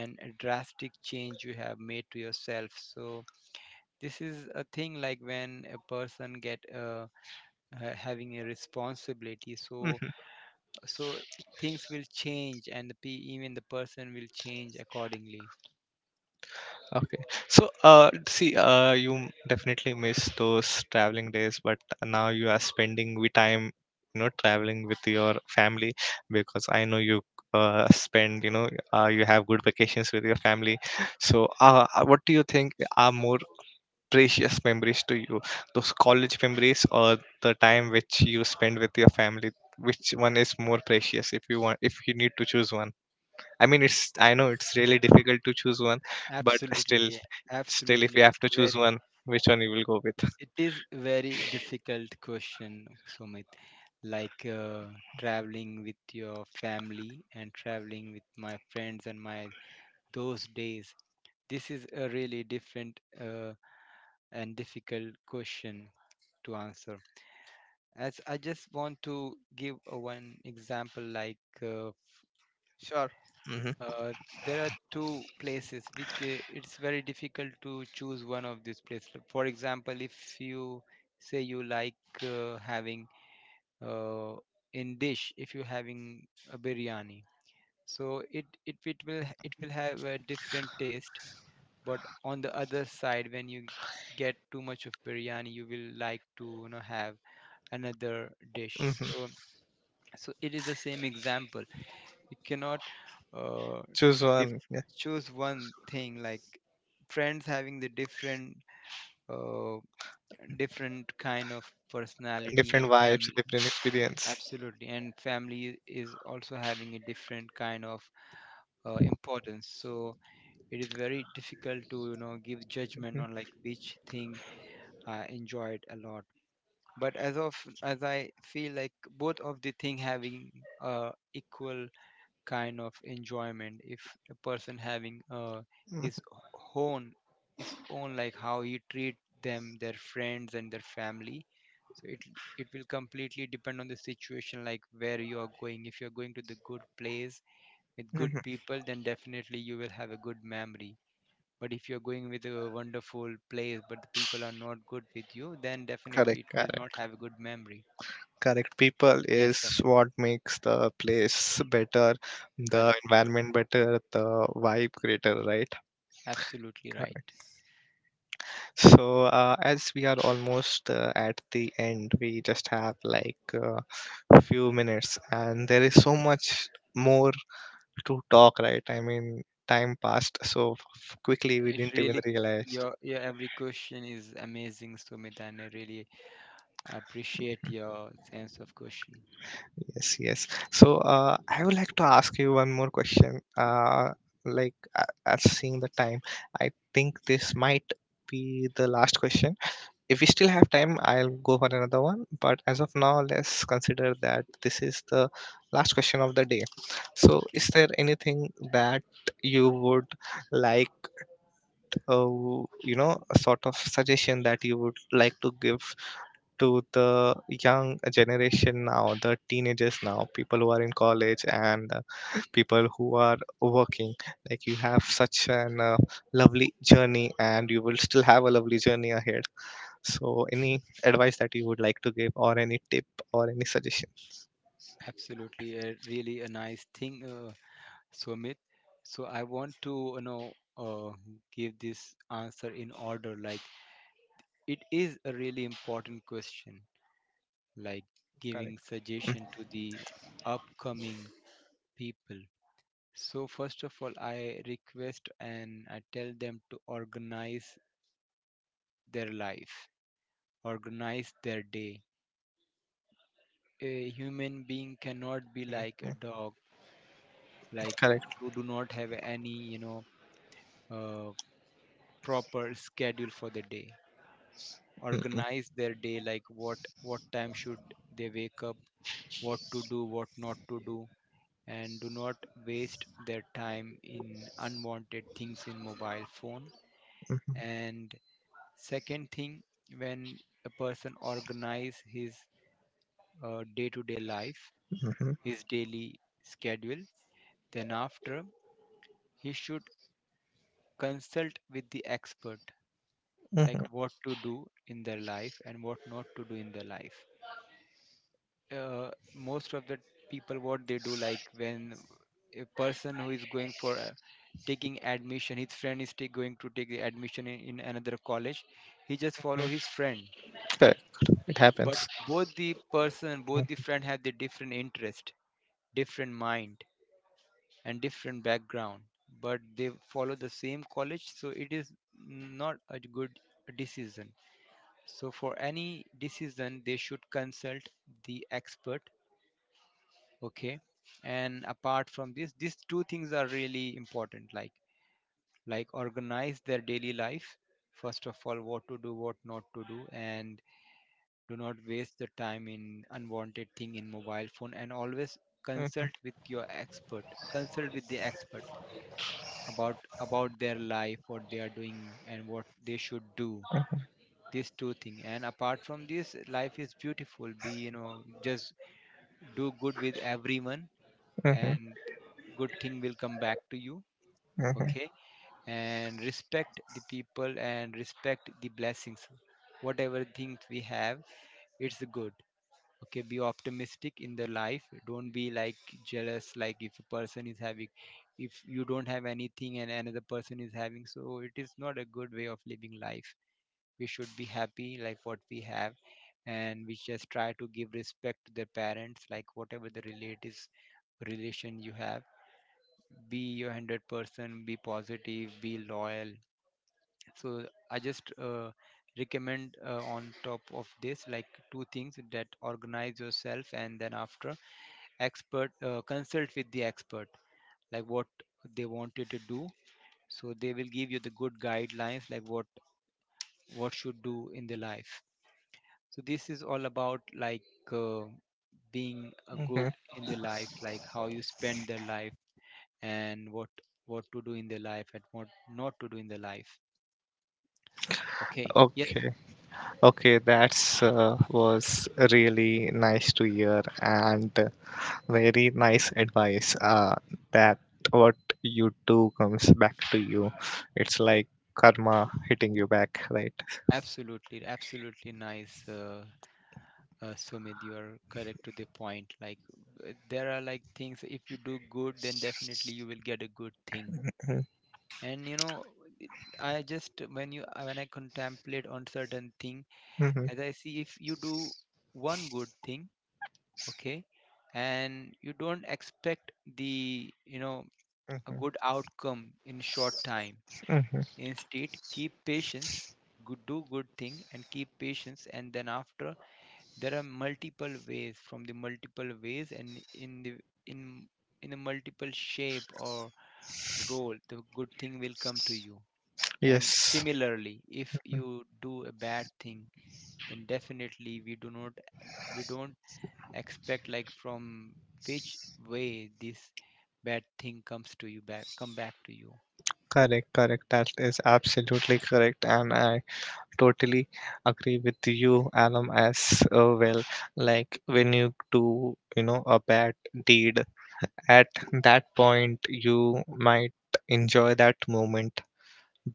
and a drastic change you have made to yourself. So this is a thing like when a person get having a responsibility. So
Mhm.
so things will change, and the even the person will change accordingly.
Okay. So, see, you definitely miss those traveling days, but now you are spending with time, you know, traveling with your family, because I know you spend, you know, you have good vacations with your family. So, what do you think are more precious memories to you? Those college memories or the time which you spend with your family? Which one is more precious if you if you need to choose one? I mean, it's, I know it's really difficult to choose one, but still.
Absolutely,
Still, if
absolutely
you have
it's
to choose
very,
one, which one you will go with?
it is very difficult question, Sumit. Like traveling with your family and traveling with my friends and my those days, this is a really different and difficult question to answer. As I just want to give a one example like
Sure. hmm
Uh, there are two places. It's very difficult to choose one of these places. For example, if you say you like having uh, in dish, if you're having a biryani, so it will it will have a different taste. But on the other side, when you get too much of biryani, you will like to, you know, have another dish.
hmm
So so it is the same example. You cannot. Uh,
Choose one.
dif-
Yeah.
Choose one thing like friends having the different uh, different kind of personality
Different
and
vibes,
family.
different experience.
Absolutely, and family is also having a different kind of importance. So it is very difficult to, you know, give judgment on like which thing I enjoyed a lot. But as of, as I feel like both of the thing having equal kind of enjoyment, if a person having uh,
Mm-hmm.
his own his own like how he treat them, their friends and their family. So it will completely depend on the situation, like where you are going. If you're going to the good place with good
hmm
people, then definitely you will have a good memory. But if you're going with a wonderful place but the people are not good with you, then definitely
Correct,
it will not
correct.
have a good memory.
Correct. People
Yes,
is
Sumit.
what makes the place better, the
Correct, correct,
environment better, the vibe greater, right?
absolutely right.
Correct. So, as we are almost at the end, we just have like few minutes, and there is so much more to talk, right? I mean, time passed so quickly, we
It
didn't even
really,
realize.
your every question is amazing, Sumit, and I really appreciate your sense of question.
Yes, yes. So I would like to ask you one more question. Like as seeing the time, I think this might be the last question. If we still have time, I'll go for another one. But as of now, let's consider that this is the last question of the day. So, is
Okay,
there anything that you would like? Uh, you know, a sort of suggestion that you would like to give to the young generation now, the teenagers now, people who are in college, and people who are working. Like, you have such an lovely journey, and you will still have a lovely journey ahead, so any advice that you would like to give, or any tip, or any suggestion?
absolutely, really a nice thing, Sumit. So I want to, you know, uh, give this answer in order. Like it is a really important question. Like giving
Correct. Mm.
suggestion to the upcoming people. So first of all, I request and I tell them to organize their life, organize their day. A human being cannot be
Mm.
like a dog, like
Correct.
who do not have any, you know, uh, proper schedule for the day.
Mm, mm,
Organize their day, like what time should they wake up, what to do, what not to do, and do not waste their time in unwanted things in mobile phone.
mm,
And second thing, when a person organize his day-to-day life,
mhm, mhm,
his daily schedule. Then, after, he should consult with the expert,
mm,
like
mm,
what to do in their life and what not to do in their life. Most of the people, what they do, like when a person who is going for a, taking admission, his friend is going to take the admission in another college, he just follow
mm.
his friend.
Correct. It
But
happens.
both the person,
Mm,
both the friend have the different interest, different mind and different background, but they follow the same college, so it is not a good decision. So for any decision, they should consult the expert. Okay, and apart from this, these two things are really important. Like organize their daily life. First of all, what to do, what not to do, and do not waste the time in unwanted thing in mobile phone, and always
mhm,
consult with your expert, consult with the expert about their life, what they are doing and what they should do. These two things. And apart from this, life is beautiful. Be you know just do good with everyone,
mhm,
and good thing will come back to you,
mhm,
okay? And respect the people and respect the blessings, whatever things we have. It's good. Okay, be optimistic in the life. Don't be like jealous. Like if a person is having, if you don't have anything and another person is having, so it is not a good way of living life. We should be happy like what we have, and we just try to give respect to their parents, like whatever the relatives relation you have. Be your 100% be positive, be loyal. So I just recommend, on top of this, like two things, that organize yourself and then after expert, consult with the expert, like what they want you to do, so they will give you the good guidelines, like what should do in the life. So this is all about like uh, being a good
mhm.
in the life, like how you spend their life and what to do in the life and what not to do in the life. Okay, yes.
Okay. Okay. That's was really nice to hear, and very nice advice that what you do comes back to you. It's like karma hitting you back, right?
Absolutely, absolutely nice. Sumit, you are correct to the point. Like, there are like things, if you do good, then definitely you will get a good thing.
Mm-hmm.
And you know, it- I just when you when I contemplate on certain thing,
Mm-hmm.
as I see, if you do one good thing, okay, and you don't expect the you know a
Mm-hmm.
good outcome in short time.
Mm-hmm.
Instead, keep patience, good, do good thing, and keep patience, and then after there are multiple ways, from the multiple ways and in the in in a multiple shape or role, the good thing will come to you. And
Yes,
similarly, if you do a bad thing, then definitely we do not, we don't expect like from which way this bad thing comes to you back, come back to you.
correct, correct. That is absolutely correct, and I totally agree with you, Alam, as well. Like, when you do, you know, a bad deed, at that point you might enjoy that moment,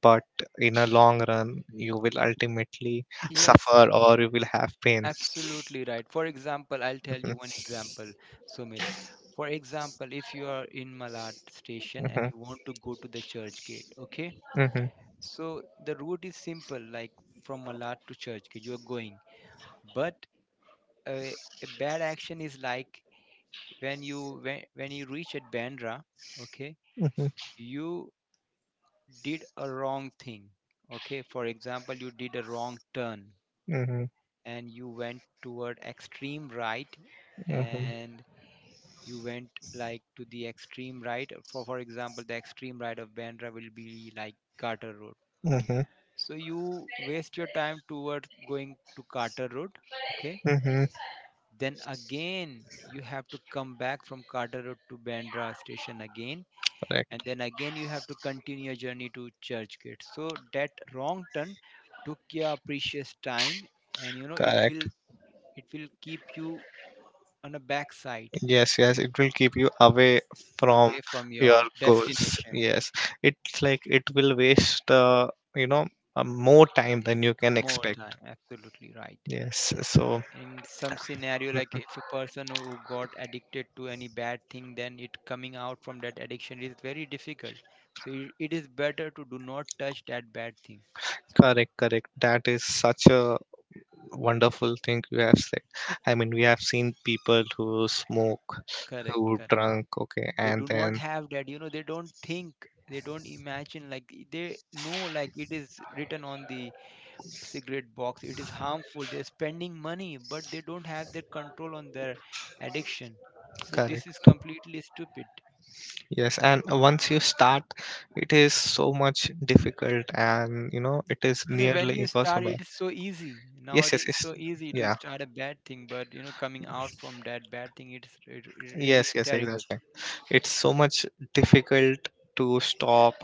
but in a long run you will ultimately
Yes.
suffer, or you will have pain.
Absolutely right. For example, I'll tell you one
(laughs)
example, Sumit. For example, if you are in Malad station and
Mhm,
you want to go to the church gate, okay?
mhm,
So the route is simple, like from Malad to church gate, you are going. But uh, a bad action is like when you reach at Bandra, okay,
mhm,
you did a wrong thing, okay? For example, you did a wrong turn
mhm,
and you went toward extreme right,
mhm,
and you went like to the extreme right. For example, the extreme right of Bandra will be like Carter Road.
mhm,
So you waste your time towards going to Carter Road, okay.
mhm.
Then again you have to come back from Carter Road to Bandra station again, and
Correct,
then again you have to continue your journey to Churchgate. So that wrong turn took your precious time, and you know it
correct.
will, it will keep you on a backside,
Yes, yes, it will keep you away from
away from
your
your
goals.
destination.
Yes, it's like it will waste you know, more time than you can
More time,
expect.
absolutely right.
Yes, so
In some scenario, like if a person who got addicted to any bad thing, then it coming out from that addiction is very difficult. So it is better to do not touch that bad thing.
correct, correct. That is such a wonderful thing you have said. I mean, we have seen people who smoke,
Correct,
who
correct.
drunk, okay,
They
and
do not
then
have that, you know, they don't think, they don't imagine, like they know, like it is written on the cigarette box, it is harmful. They're spending money, but they don't have their control on their addiction. So this is
correct.
completely stupid.
Yes, and once you start, it is so much difficult, and you know, it is
You know, when
nearly
you start,
impossible.
it's so easy.
Yes, yes,
Nowadays, it's
yes.
so easy to
Yeah.
start a bad thing, but you know, coming out from that bad thing, it's really
Yes, yes,
terrible.
exactly. It's so much difficult to stop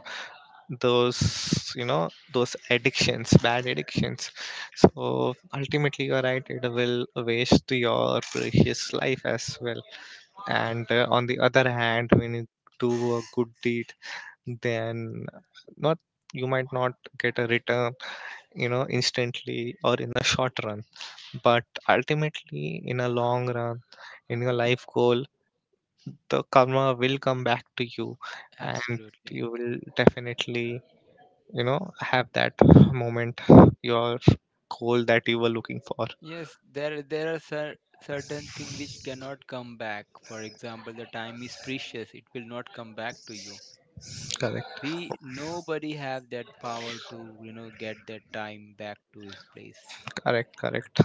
those, you know, those addictions, bad addictions. So ultimately, you're right. It will waste your precious life as well. And on the other hand, when you do a good deed, then not, you might not get a return, you know, instantly or in a short run, but ultimately in a long run, in your life goal, the karma will come back to you, and
Absolutely.
you will definitely, you know, have that moment, your goal that you were looking for.
Yes, there are certain things which cannot come back. For example, the time is precious; it will not come back to you.
Correct,
We nobody have that power to, you know, get that time back to his place.
correct, correct.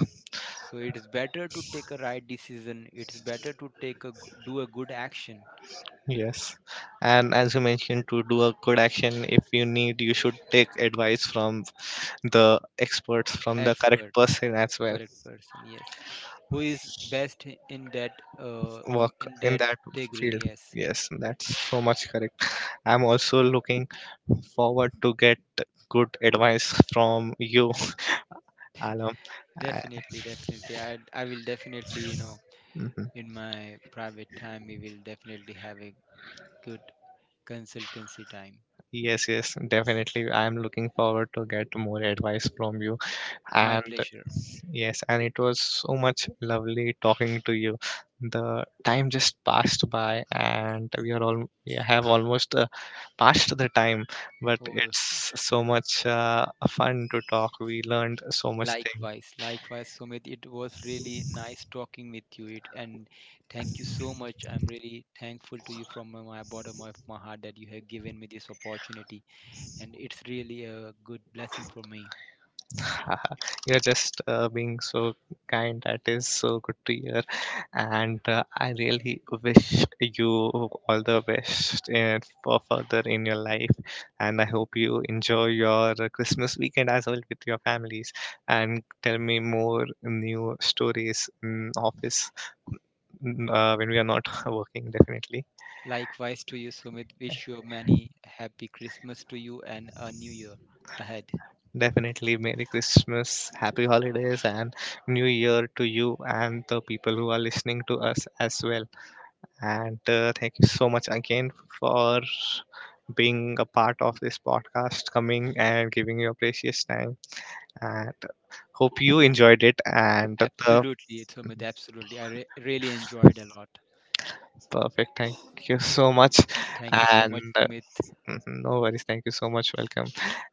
So it is better to take a right decision. It's better to do a good action.
Yes. And as you mentioned, to do a good action, if you need, you should take advice from the experts, from the correct
Expert,
person as well.
correct person, yes, who is best in that uh in,
Work
in
in
that
that
degree,
field.
yes.
Yes, that's so much correct. I'm also looking forward to get good advice from you, Alam. I-
Definitely, definitely, I will definitely, you know,
mhm.
in my private time we will definitely have a good consultancy time.
Yes, yes, definitely. I'm looking forward to get more advice from you.
My
And
pleasure.
yes, and it was so much lovely talking to you. The time just passed by, and we are all we have almost passed the time, but
Oh,
it's so much fun to talk. We learned so much things.
likewise, likewise, Sumit, it was really nice talking with you. It and thank you so much, I'm really thankful to you from my bottom of my heart that you have given me this opportunity, and it's really a good blessing for me.
(laughs) You're just being so kind. That is so good to hear. And I really wish you all the best and for further in your life. And I hope you enjoy your Christmas weekend as well with your families. And tell me more new stories in office, mm, when we are not (laughs) working, definitely.
Likewise to you, Sumit. Wish you many happy Christmas to you and a new year ahead.
Definitely, Merry Christmas, Happy Holidays, and New Year to you and the people who are listening to us as well. And thank you so much again for being a part of this podcast, coming and giving your precious time. And hope you enjoyed it. And the
Absolutely, Sumit. Absolutely. I really enjoyed a lot.
perfect. Thank you so much.
Thank you so
And
much, Sumit.
mhm, no worries. Thank you so much. Welcome.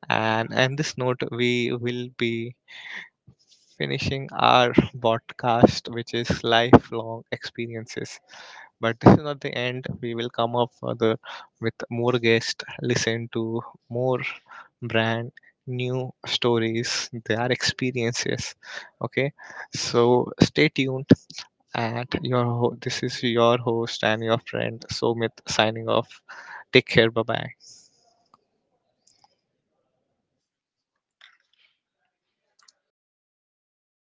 And this note, we will be finishing our podcast, which is lifelong experiences. But (laughs) this is not the end. We will come up further with more guests, listen to more brand new stories, their experiences. Okay, so stay tuned. And your this is your host and your friend Somit signing off. Take care. Bye bye.